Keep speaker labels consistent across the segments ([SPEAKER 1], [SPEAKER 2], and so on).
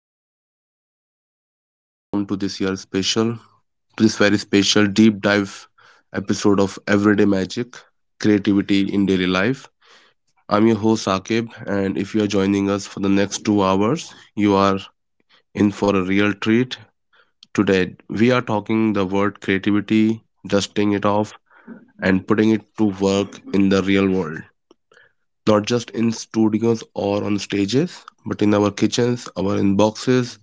[SPEAKER 1] Hello, hello, hello. A huge and warm welcome to this year's special, to this very special deep dive episode of Everyday Magic, Creativity in Daily Life. I'm your host, Akib, and if you are joining us for the next 2 hours, you are in for a real treat. Today, we are talking the word creativity, dusting it off, and putting it to work in the real world. Not just in studios or on stages, but in our kitchens, our inboxes,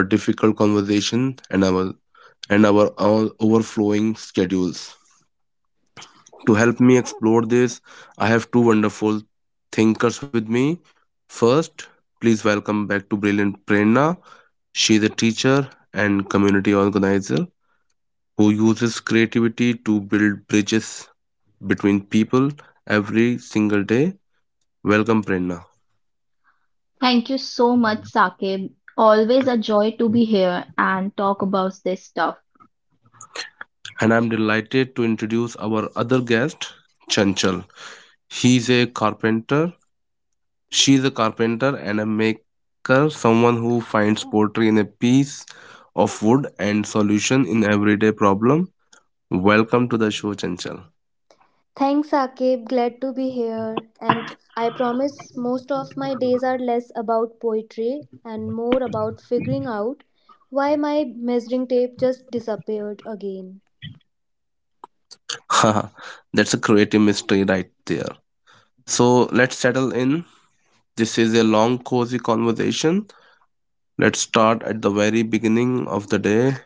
[SPEAKER 1] a difficult conversation, and our and our all overflowing schedules. To help me explore this, I have two wonderful thinkers with me. First, please welcome back to Brilliant Prerna. She is a teacher and community organizer who uses creativity to build bridges between people every single day. Welcome, Prerna.
[SPEAKER 2] Thank you so much, Saqib. Always a joy to be here and talk about this stuff.
[SPEAKER 1] And I'm delighted to introduce our other guest, Chanchal. He's a carpenter She is a carpenter and a maker, someone who finds poetry in a piece of wood and solution in everyday problem. Welcome to the show, Chanchal.
[SPEAKER 3] Thanks, Akib. Glad to be here. And I promise most of my days are less about poetry and more about figuring out why my measuring tape just disappeared again.
[SPEAKER 1] That's a creative mystery right there. So let's settle in. This is a long, cozy conversation. Let's start at the very beginning of the day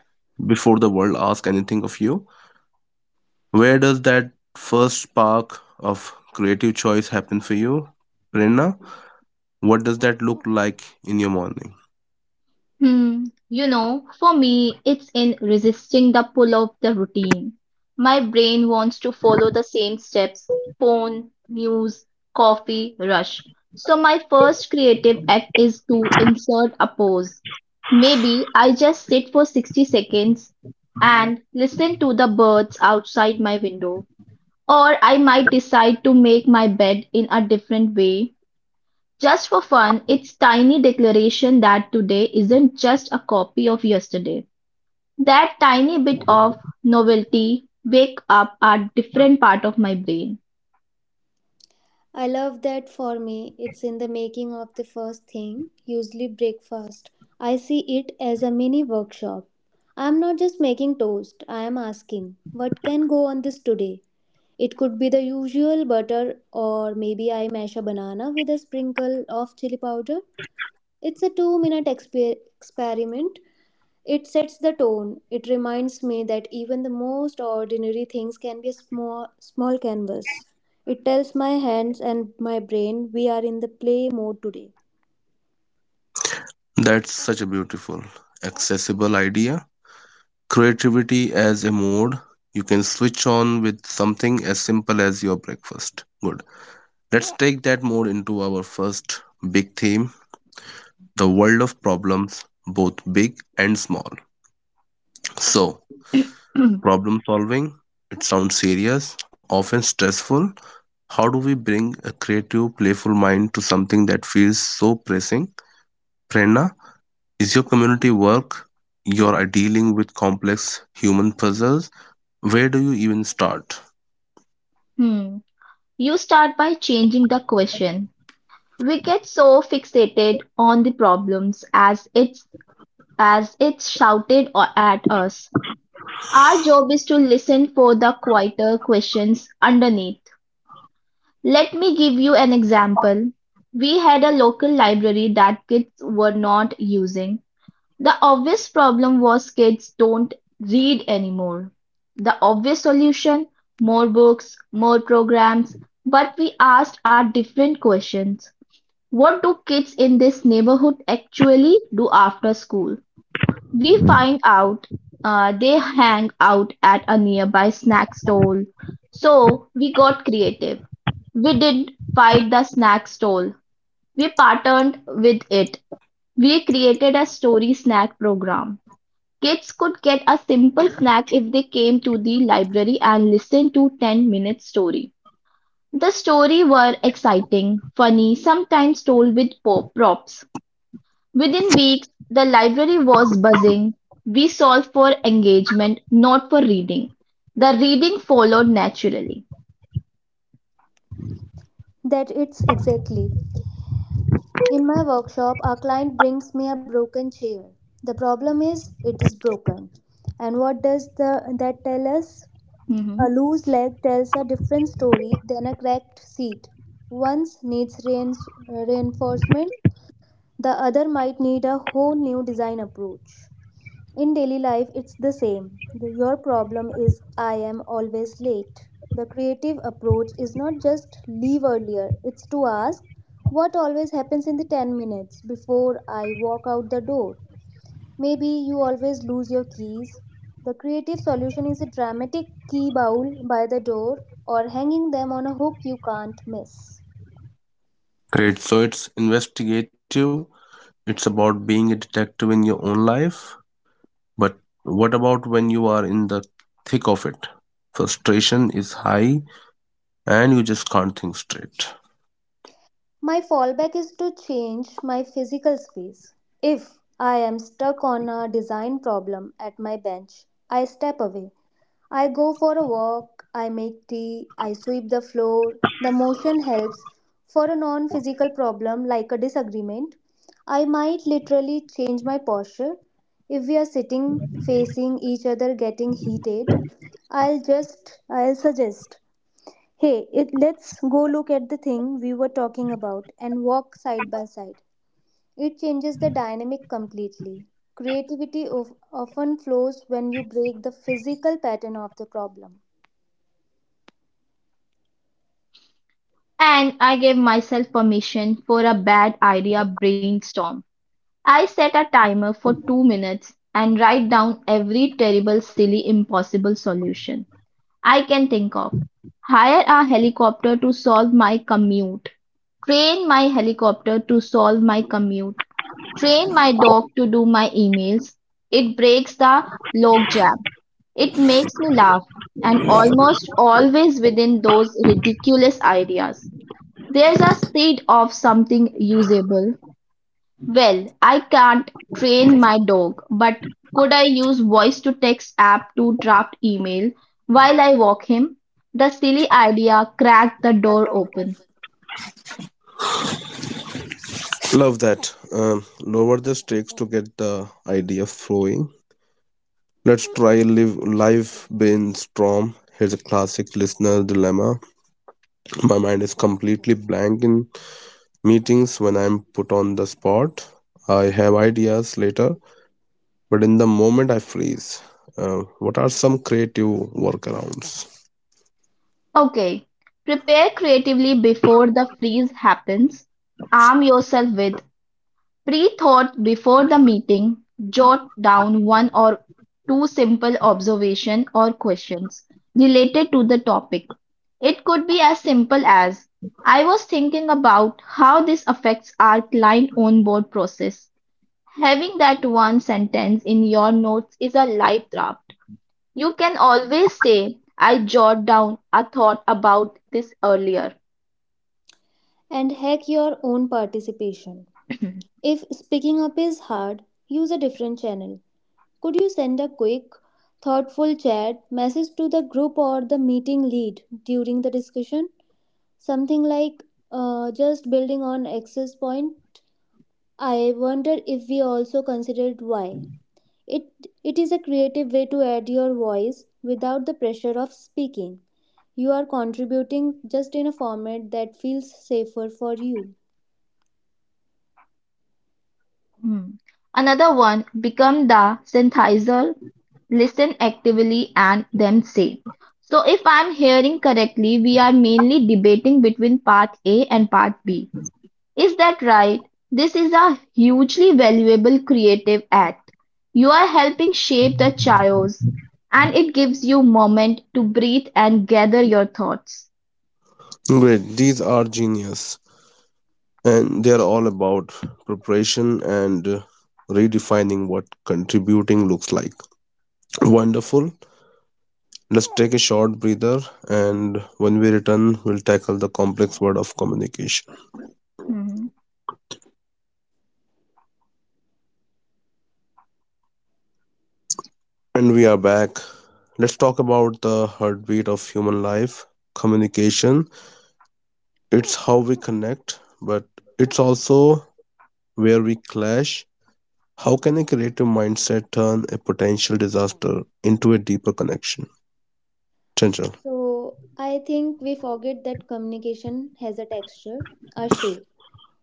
[SPEAKER 1] before the world asks anything of you. Where does that first spark of creative choice happen for you, Prerna? What does that look like in your morning?
[SPEAKER 2] Hmm, you know, for me, it's in resisting the pull of the routine. My brain wants to follow the same steps phone, news, coffee, rush. So, my first creative act is to insert a pause. Maybe I just sit for 60 seconds and listen to the birds outside my window. Or I might decide to make my bed in a different way. Just for fun, it's tiny declaration that today isn't just a copy of yesterday. That tiny bit of novelty wake up a different part of my brain.
[SPEAKER 3] I love that. For me, it's in the making of the first thing, usually breakfast. I see it as a mini workshop. I am not just making toast, I am asking, what can go on this today? It could be the usual butter, or maybe I mash a banana with a sprinkle of chili powder. It's a 2 minute experiment. It sets the tone. It reminds me that even the most ordinary things can be a small, small canvas. It tells my hands and my brain we are in the play mode today.
[SPEAKER 1] That's such a beautiful, accessible idea. Creativity as a mode you can switch on with something as simple as your breakfast. Good. Let's take that mode into our first big theme, the world of problems, both big and small. So, problem solving, it sounds serious, often stressful. How do we bring a creative, playful mind to something that feels so pressing? Prerna, is your community work? You're dealing with complex human puzzles. Where do you even start?
[SPEAKER 2] Hmm. You start by changing the question. We get so fixated on the problems as it's shouted at us. Our job is to listen for the quieter questions underneath. Let me give you an example. We had a local library that kids were not using. The obvious problem was kids don't read anymore. The obvious solution more books, more programs. But we asked our different questions. What do kids in this neighborhood actually do after school? We find out they hang out at a nearby snack stall. So we got creative. We didn't fight the snack stall, we partnered with it. We created a story snack program. Kids could get a simple snack if they came to the library and listened to 10 minute story. The story were exciting, funny, sometimes told with props. Within weeks, the library was buzzing. We solved for engagement, not for reading. The reading followed naturally.
[SPEAKER 3] That it's exactly. In my workshop, our client brings me a broken chair. The problem is, it is broken. And what does that tell us? A loose leg tells a different story than a cracked seat. One needs reinforcement, the other might need a whole new design approach. In daily life, it's the same. Your problem is I am always late. The creative approach is not just leave earlier, it's to ask what always happens in the 10 minutes before I walk out the door. Maybe you always lose your keys. The creative solution is a dramatic key bowl by the door or hanging them on a hook you can't miss.
[SPEAKER 1] Great. So it's investigative. It's about being a detective in your own life. But what about when you are in the thick of it? Frustration is high and you just can't think straight.
[SPEAKER 3] My fallback is to change my physical space. If I am stuck on a design problem at my bench, I step away. I go for a walk, I make tea, I sweep the floor. The motion helps. For a non physical problem like a disagreement, I might literally change my posture. If we are sitting facing each other getting heated, I'll suggest, hey, let's go look at the thing we were talking about and walk side by side. It changes the dynamic completely. Creativity often flows when you break the physical pattern of the problem.
[SPEAKER 2] And I gave myself permission for a bad idea brainstorm. I set a timer for 2 minutes and write down every terrible, silly, impossible solution I can think of. Hire a helicopter to solve my commute. Train my helicopter to solve my commute. Train my dog to do my emails. It breaks the logjam. It makes me laugh and almost always within those ridiculous ideas. There's a seed of something usable. Well, I can't train my dog, but could I use voice to text app to draft email while I walk him? The silly idea cracked the door open.
[SPEAKER 1] Love that. Lower the stakes to get the idea flowing. Let's try live brainstorm. Here's a classic listener dilemma. My mind is completely blank in meetings when I'm put on the spot. I have ideas later, but in the moment I freeze. What are some creative workarounds?
[SPEAKER 2] Okay, prepare creatively before the freeze happens. Arm yourself with pre-thought before the meeting, jot down one or two simple observation or questions related to the topic. It could be as simple as I was thinking about how this affects our client onboard process. Having that one sentence in your notes is a light draft. You can always say, I jot down a thought about this earlier.
[SPEAKER 3] And hack your own participation. If speaking up is hard, use a different channel. Could you send a quick, thoughtful chat message to the group or the meeting lead during the discussion? Something like just building on access point. I wonder if we also considered why. It it is a creative way to add your voice without the pressure of speaking. You are contributing just in a format that feels safer for you.
[SPEAKER 2] Mm. Another one, become the synthesizer, listen actively and then say. So if I'm hearing correctly, we are mainly debating between path A and path B. Is that right? This is a hugely valuable creative act. You are helping shape the chaos and it gives you moment to breathe and gather your thoughts.
[SPEAKER 1] Great, these are genius, and they're all about preparation and redefining what contributing looks like. Wonderful. Let's take a short breather, and when we return, we'll tackle the complex world of communication.
[SPEAKER 2] Mhm,
[SPEAKER 1] And we are back. Let's talk about the heartbeat of human life, communication. It's how we connect, but it's also where we clash. How can a creative mindset turn a potential disaster into a deeper connection? Chanchal.
[SPEAKER 3] So I think we forget that communication has a texture, a shape.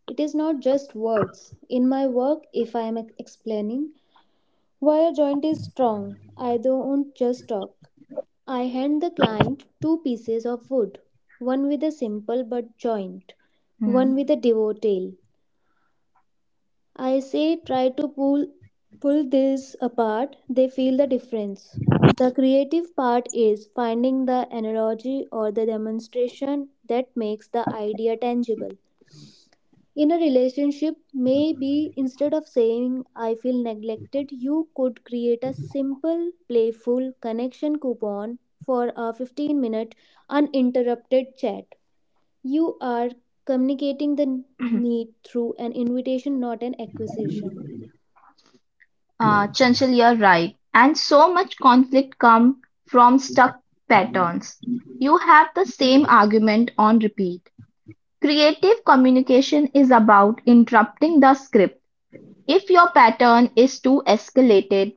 [SPEAKER 3] It is not just words. In my work, if I am explaining why a joint is strong, I don't just talk. I hand the client two pieces of wood, one with a simple but joint,
[SPEAKER 2] mhm.
[SPEAKER 3] one with a devout tail. I say try to pull this apart. They feel the difference. The creative part is finding the analogy or the demonstration that makes the idea tangible. In a relationship, maybe instead of saying I feel neglected, you could create a simple, playful connection coupon for a 15-minute uninterrupted chat. You are communicating the need through an invitation, not an acquisition.
[SPEAKER 2] Chanchal, you're right. And so much conflict come from stuck patterns. You have the same argument on repeat. Creative communication is about interrupting the script. If your pattern is too escalated,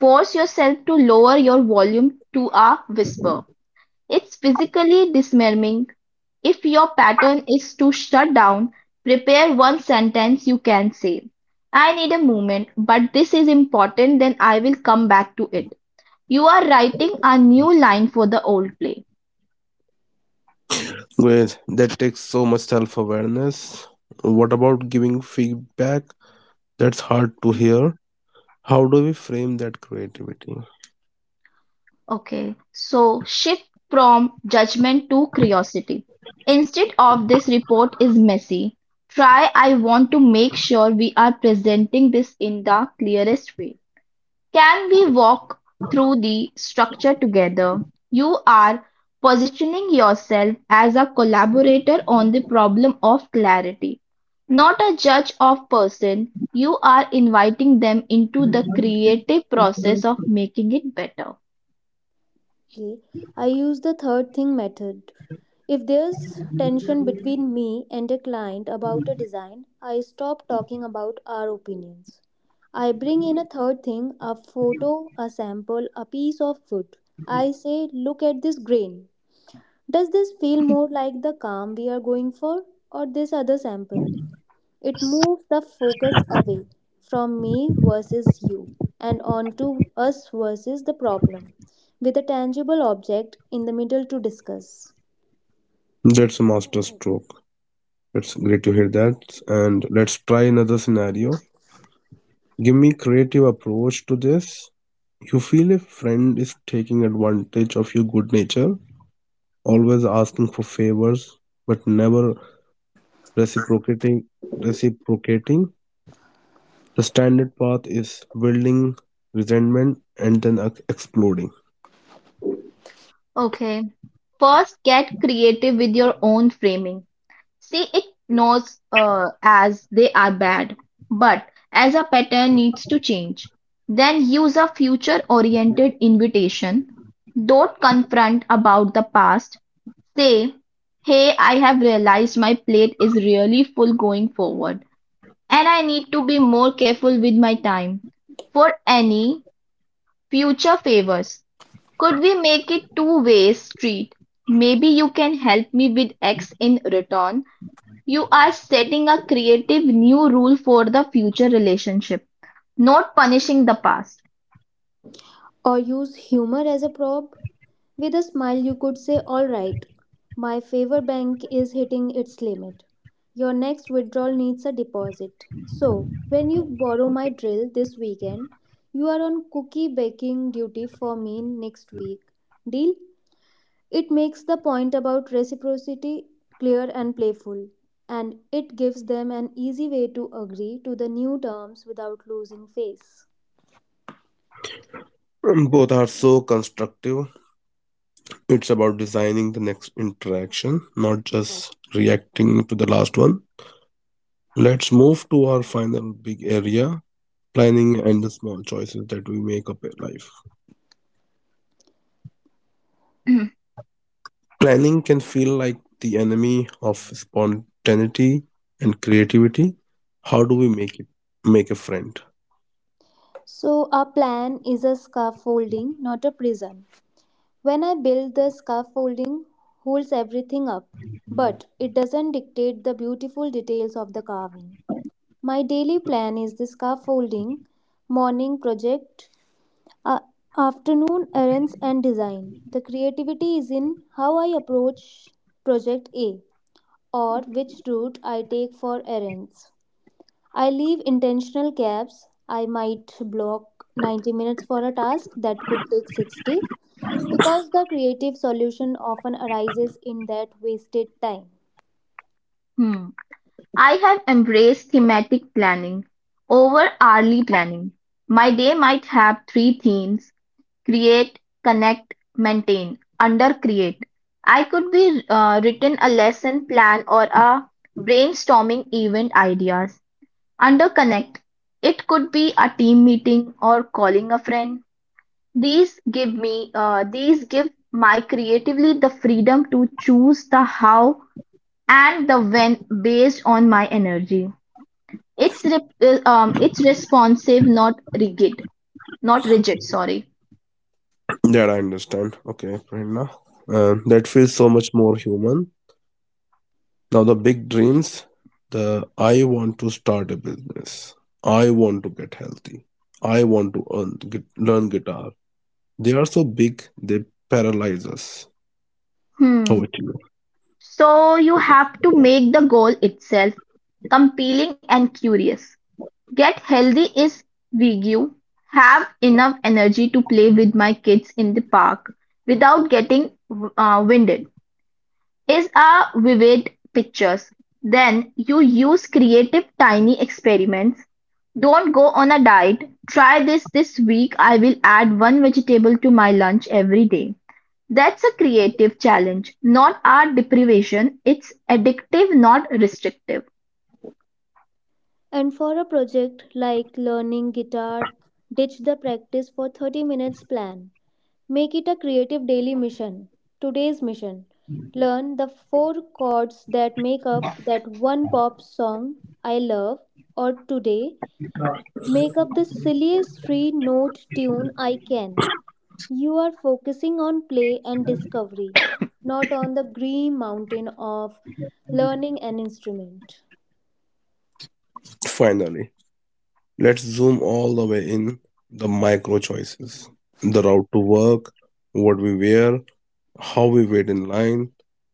[SPEAKER 2] force yourself to lower your volume to a whisper. It's physically disarming. If your pattern is to shut down, prepare one sentence you can say. I need a moment, but this is important, then I will come back to it. You are writing a new line for the old play.
[SPEAKER 1] Great. That takes so much self awareness. What about giving feedback? That's hard to hear. How do we frame that creativity?
[SPEAKER 2] Okay, so shift from judgment to curiosity. Instead of this report is messy, try I want to make sure we are presenting this in the clearest way. Can we walk through the structure together? You are positioning yourself as a collaborator on the problem of clarity, not a judge of person. You are inviting them into the creative process of making it better.
[SPEAKER 3] Okay. I use the third thing method. If there's tension between me and a client about a design, I stop talking about our opinions. I bring in a third thing, a photo, a sample, a piece of wood. I say, look at this grain. Does this feel more like the calm we are going for or this other sample? It moves the focus away from me versus you and onto us versus the problem, with a tangible object in the middle to discuss.
[SPEAKER 1] That's a master stroke. It's great to hear that. And let's try another scenario. Give me creative approach to this. You feel a friend is taking advantage of your good nature, always asking for favors but never reciprocating reciprocating. The standard path is building resentment and then exploding.
[SPEAKER 2] Okay. First, get creative with your own framing. See it knows as they are bad, but as a pattern needs to change. Then use a future-oriented invitation. Don't confront about the past. Say, hey, I have realized my plate is really full going forward, and I need to be more careful with my time. For any future favors, could we make it two-way street? Maybe you can help me with X in return. You are setting a creative new rule for the future relationship, not punishing the past.
[SPEAKER 3] Or use humor as a prop. With a smile, you could say, alright, my favor bank is hitting its limit. Your next withdrawal needs a deposit. So, when you borrow my drill this weekend, you are on cookie baking duty for me next week. Deal? It makes the point about reciprocity clear and playful, and it gives them an easy way to agree to the new terms without losing face.
[SPEAKER 1] both are so constructive. It's about designing the next interaction, not just reacting to the last one. Let's move to our final big area, planning and the small choices that we make up in life. Planning can feel like the enemy of spontaneity and creativity. How do we make it make a friend?
[SPEAKER 3] So, a plan is a scaffolding, not a prison. When I build the scaffolding, holds everything up, but it doesn't dictate the beautiful details of the carving. My daily plan is the scaffolding, morning project, A- afternoon errands and design. The creativity is in how I approach project A or which route I take for errands. I leave intentional gaps. I might block 90 minutes for a task that could take 60 because the creative solution often arises in that wasted time.
[SPEAKER 2] I have embraced thematic planning over hourly planning. My day might have three themes create, connect, maintain, under create. I could be written a lesson plan or a brainstorming event ideas. Under connect, it could be a team meeting or calling a friend. These give me these give my creatively the freedom to choose the how and the when based on my energy. It's it's responsive, not rigid, not rigid. Sorry.
[SPEAKER 1] That I understand. Okay, Prerna. That feels so much more human. Now the big dreams. The I want to start a business. I want to get healthy. I want to earn, get, learn guitar. They are so big they paralyze us. Over
[SPEAKER 2] Hmm.
[SPEAKER 1] to you.
[SPEAKER 2] So you have to make the goal itself compelling and curious. Get healthy is Wiggy have enough energy to play with my kids in the park without getting winded is our vivid pictures. Then you use creative tiny experiments. Don't go on a diet. Try this this week. I will add one vegetable to my lunch every day. That's a creative challenge, not our deprivation. It's addictive, not restrictive.
[SPEAKER 3] And for a project like learning guitar, ditch the practice for 30 minutes plan. Make it a creative daily mission. Today's mission. Learn the four chords that make up that one pop song I love, or today, make up the silliest three note tune I can. You are focusing on play and discovery, not on the green mountain of learning an instrument.
[SPEAKER 1] Finally. Let's zoom all the way in, the micro choices. The route to work, what we wear, how we wait in line.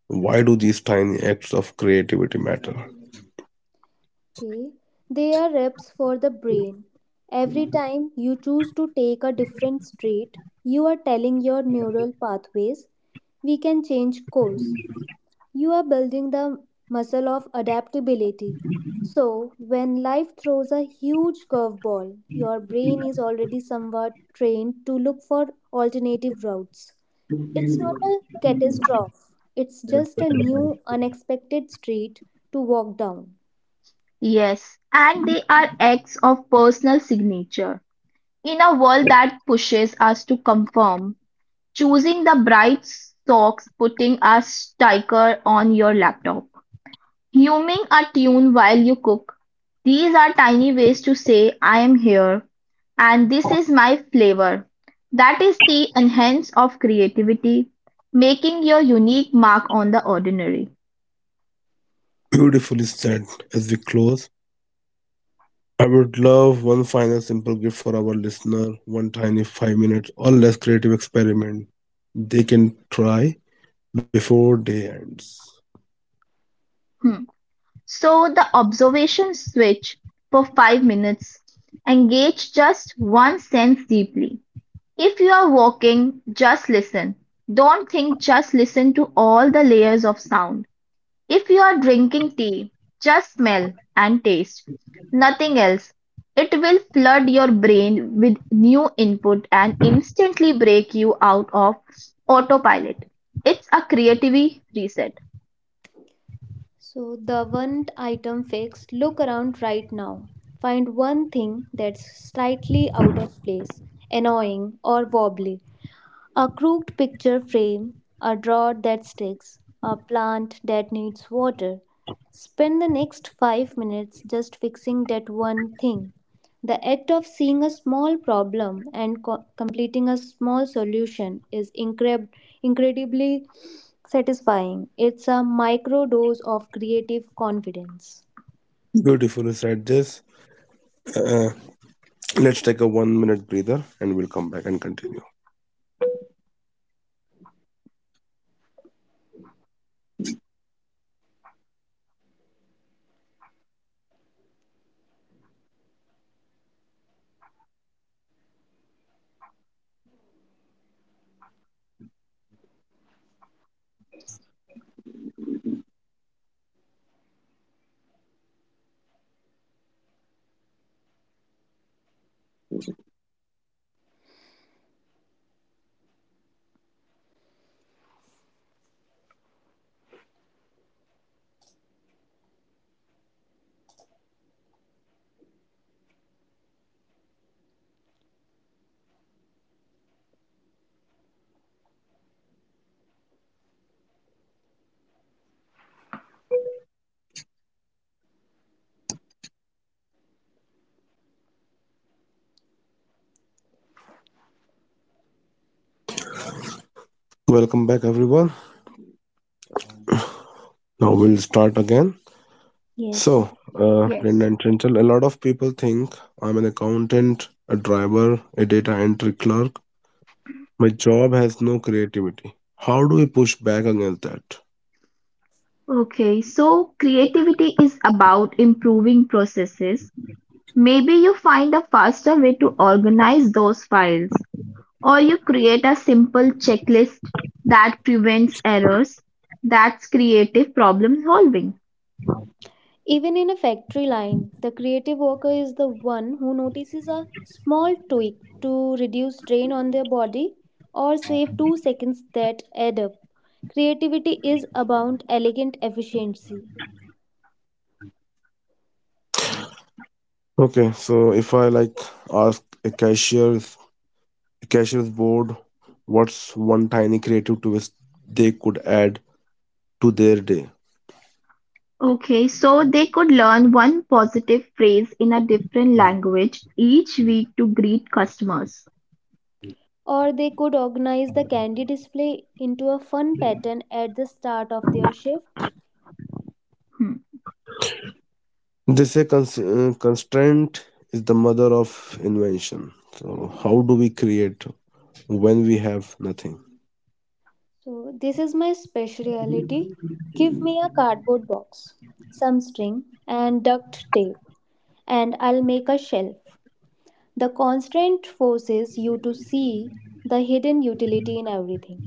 [SPEAKER 1] Why do these tiny acts of creativity matter?
[SPEAKER 3] Okay, they are reps for the brain. Every time you choose to take a different street, you are telling your neural pathways, we can change course. You are building the muscle of adaptability. So, when life throws a huge curveball, your brain is already somewhat trained to look for alternative routes. It's not a catastrophe, it's just a new, unexpected street to walk down.
[SPEAKER 2] Yes, and they are acts of personal signature. In a world that pushes us to conform, choosing the bright socks, putting a sticker on your laptop, humming a tune while you cook, these are tiny ways to say, I am here and this is my flavor. That is the enhance of creativity, making your unique mark on the ordinary.
[SPEAKER 1] Beautifully said. As we close, I would love one final simple gift for our listener, one tiny 5 minutes or less creative experiment they can try before day ends.
[SPEAKER 2] Hmm. So the observation switch for 5 minutes. Engage just one sense deeply. If you are walking, just listen. Don't think, just listen to all the layers of sound. If you are drinking tea, just smell and taste. Nothing else. It will flood your brain with new input and instantly break you out of autopilot. It's a creativity reset.
[SPEAKER 3] So, the one item fixed. Look around right now. Find one thing that's slightly out of place, annoying, or wobbly. A crooked picture frame, a rod that sticks, a plant that needs water. Spend the next 5 minutes just fixing that one thing. The act of seeing a small problem and completing a small solution is incredibly satisfying. It's a micro dose of creative confidence.
[SPEAKER 1] Beautifully said this. Uh, let's take a 1 minute breather and we'll come back and continue. Welcome back, everyone. Now we'll start again.
[SPEAKER 3] Yes.
[SPEAKER 1] So,
[SPEAKER 2] Yes.
[SPEAKER 1] print and Trenchel, a lot of people think I'm an accountant, a driver, a data entry clerk. My job has no creativity. How do we push back against that?
[SPEAKER 2] Okay, so creativity is about improving processes. Maybe you find a faster way to organize those files, or you create a simple checklist that prevents errors. That's creative problem solving.
[SPEAKER 3] Even in a factory line, the creative worker is the one who notices a small tweak to reduce strain on their body or save 2 seconds that add up. Creativity is about elegant efficiency.
[SPEAKER 1] Okay, so if I like ask a cashier's board, what's one tiny creative twist they could add to their day?
[SPEAKER 2] Okay, so they could learn one positive phrase in a different language each week to greet customers.
[SPEAKER 3] Or they could organize the candy display into a fun pattern at the start of their shift.
[SPEAKER 2] Hmm.
[SPEAKER 1] They say constraint is the mother of invention. So how do we create when we have nothing?
[SPEAKER 3] So, this is my speciality. Give me a cardboard box, some string, and duct tape, and I'll make a shelf. The constraint forces you to see the hidden utility in everything.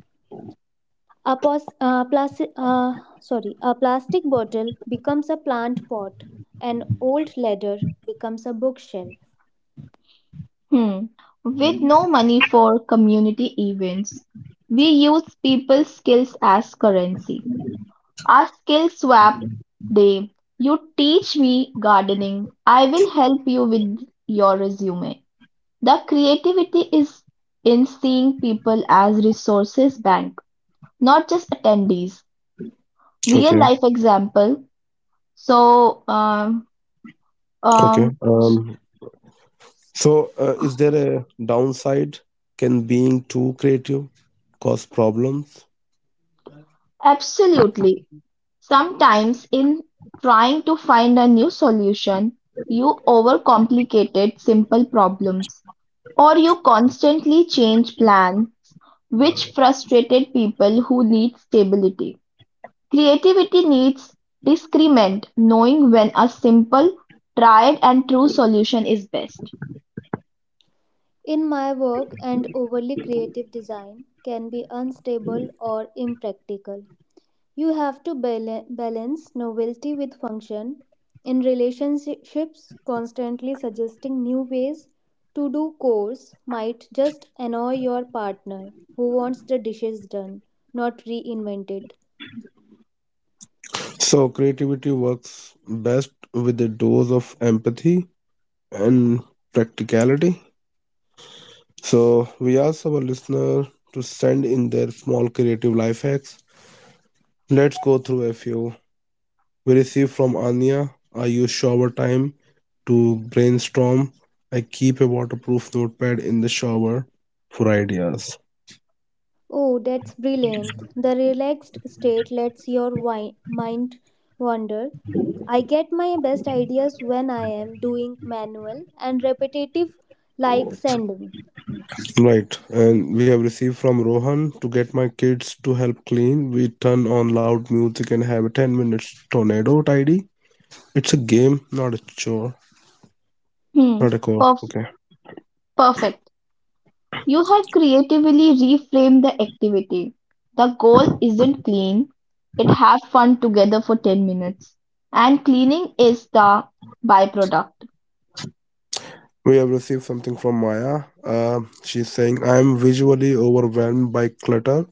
[SPEAKER 3] A plastic bottle becomes a plant pot, an old ladder becomes a bookshelf.
[SPEAKER 2] Hmm. With no money for community events, we use people's skills as currency. Our skills swap day: you teach me gardening, I will help you with your resume. The creativity is in seeing people as resources bank, not just attendees. Real
[SPEAKER 1] Okay.
[SPEAKER 2] life example. So,
[SPEAKER 1] Okay.
[SPEAKER 2] um,
[SPEAKER 1] So, is there a downside? Can being too creative cause problems?
[SPEAKER 2] absolutely. Sometimes, in trying to find a new solution, you overcomplicated simple problems or you constantly change plan which frustrated people who need stability. Creativity needs discernment, knowing when a simple, tried and true solution is best.
[SPEAKER 3] In my work, and overly creative design can be unstable or impractical. You have to balance novelty with function. In relationships, constantly suggesting new ways to do chores might just annoy your partner who wants the dishes done, not reinvented.
[SPEAKER 1] So, creativity works best with a dose of empathy and practicality. So, we asked our listener to send in their small creative life hacks. Let's go through a few. We received from Anya, I use shower time to brainstorm. I keep a waterproof notepad in the shower for ideas.
[SPEAKER 3] Oh, that's brilliant. The relaxed state lets your mind wander. I get my best ideas when I am doing manual and repetitive like sanding.
[SPEAKER 1] Right, and we have received from Rohan, to get my kids to help clean. We turn on loud music and have a 10 minutes tornado tidy. It's a game, not a chore,
[SPEAKER 2] Hmm.
[SPEAKER 1] not a chore.
[SPEAKER 2] Perf-
[SPEAKER 1] Okay.
[SPEAKER 2] Perfect. You have creatively reframed the activity. The goal isn't clean, it have fun together for 10 minutes. And cleaning is the byproduct.
[SPEAKER 1] We have received something from Maya. She's saying, I am visually overwhelmed by clutter.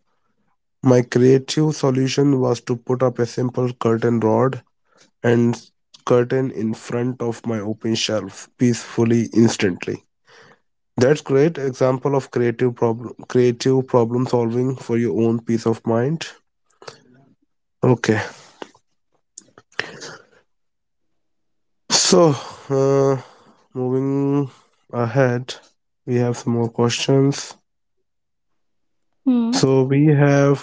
[SPEAKER 1] My creative solution was to put up a simple curtain rod and curtain in front of my open shelf peacefully instantly. That's great example of creative problem solving for your own peace of mind. Okay. So, uh, moving ahead, we have some more questions.
[SPEAKER 2] Hmm.
[SPEAKER 1] So we have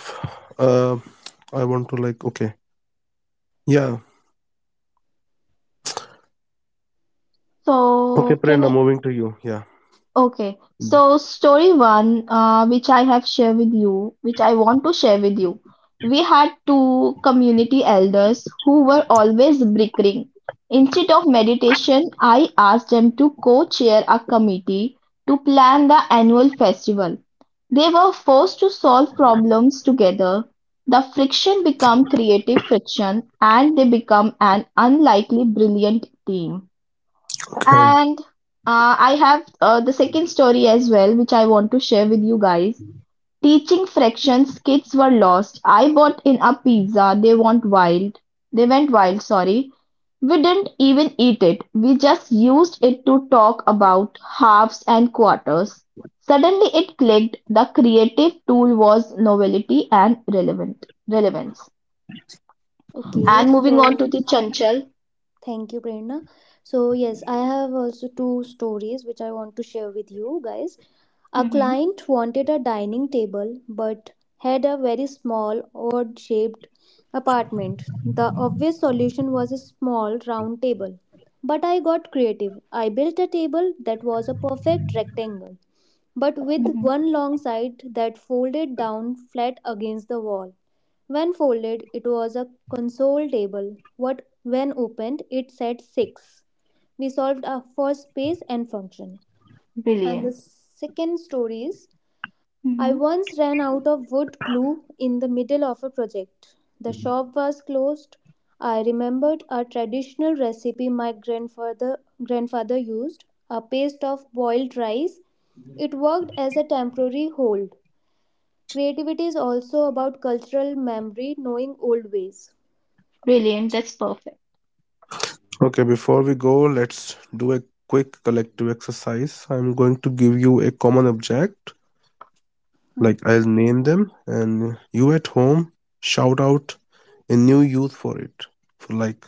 [SPEAKER 1] uh I want to like okay. Yeah.
[SPEAKER 2] So,
[SPEAKER 1] Okay,
[SPEAKER 2] can
[SPEAKER 1] Prerna, moving to you. Yeah.
[SPEAKER 2] okay, so story one, which I have shared with you, which I want to share with you. We had two community elders who were always bickering. Instead of meditation, I asked them to co-chair a committee to plan the annual festival. They were forced to solve problems together. The friction became creative friction, and they become an unlikely brilliant team.
[SPEAKER 1] Okay.
[SPEAKER 2] And I have the second story as well, which I want to share with you guys. Teaching fractions, kids were lost. I bought in a pizza. They went wild, sorry. We didn't even eat it. We just used it to talk about halves and quarters. Suddenly it clicked. The creative tool was novelty and relevant relevance.
[SPEAKER 3] Okay,
[SPEAKER 2] And moving on to
[SPEAKER 3] so
[SPEAKER 2] the Chanchal.
[SPEAKER 3] thank you, Prerna. So, yes, I have also two stories which I want to share with you guys. A
[SPEAKER 2] Hmm.
[SPEAKER 3] client wanted a dining table but had a very small, odd shaped apartment. The obvious solution was a small, round table. But I got creative. I built a table that was a perfect rectangle but with
[SPEAKER 2] Hmm.
[SPEAKER 3] one long side that folded down flat against the wall. When folded, it was a console table. What when opened, it said six. We solved our first space and function. And the
[SPEAKER 2] Brilliant.
[SPEAKER 3] second story is. I
[SPEAKER 2] Hmm.
[SPEAKER 3] once ran out of wood glue in the middle of a project. The shop was closed. I remembered a traditional recipe my grandfather used, a paste of boiled rice. It worked as a temporary hold. Creativity is also about cultural memory, knowing old ways.
[SPEAKER 2] Brilliant. That's perfect.
[SPEAKER 1] Okay, before we go, let's do a quick collective exercise. I'm going to give you a common object. Like
[SPEAKER 3] Hmm.
[SPEAKER 1] I'll name them, and you at home shout out a new use for it. For like,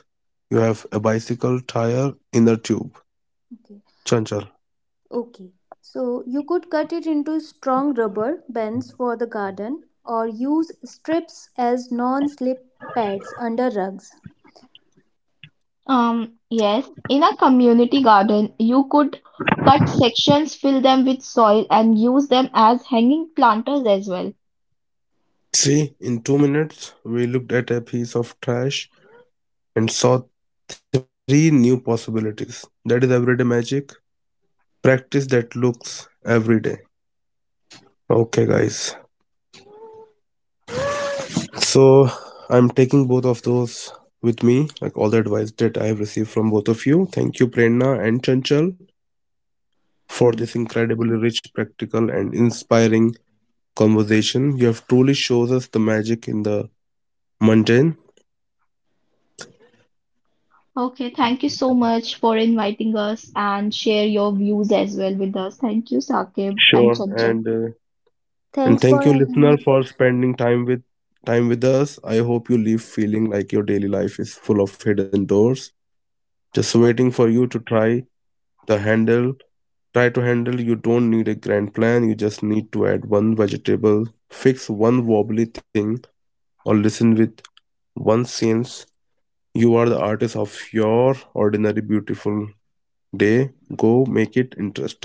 [SPEAKER 1] you have a bicycle tire inner tube.
[SPEAKER 3] Okay.
[SPEAKER 1] Chanchal.
[SPEAKER 3] Okay. So you could cut it into strong rubber bands for the garden or use strips as non slip pads under rugs.
[SPEAKER 2] Yes, in a community garden, you could cut sections, fill them with soil, and use them as hanging planters as well.
[SPEAKER 1] See, in 2 minutes we looked at a piece of trash and saw 3 new possibilities. That is everyday magic. Practice that looks every day. Okay, guys. So I'm taking both of those with me, like all the advice that I have received from both of you. Thank you, Prerna and Chanchal, for this
[SPEAKER 3] Mm.
[SPEAKER 1] incredibly rich, practical, and inspiring conversation. You have truly shows us the magic in the mundane.
[SPEAKER 2] Okay, thank you so much for inviting us and share your views as well with us. Thank you, Saqib
[SPEAKER 1] Sure,
[SPEAKER 2] and Chanchal.
[SPEAKER 1] and
[SPEAKER 3] Thanks
[SPEAKER 1] thank you,
[SPEAKER 3] for having
[SPEAKER 1] listener,
[SPEAKER 3] me.
[SPEAKER 1] for spending time with us. I hope you leave feeling like your daily life is full of hidden doors, just waiting
[SPEAKER 3] Oh,
[SPEAKER 1] for you to try the handle. Try to handle. You don't need a grand plan. You just need to add one vegetable, fix one wobbly thing, or listen with one sense. You are the artist of your ordinary beautiful day. Go make it interesting.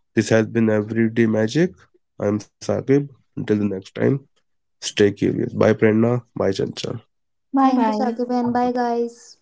[SPEAKER 1] This has been Everyday Magic. I am Saqib. Until the next time, stay curious. Bye, Prerna. Bye, Chanchal.
[SPEAKER 2] Bye
[SPEAKER 3] thank you,
[SPEAKER 2] bye.
[SPEAKER 3] Sakib, and bye, guys.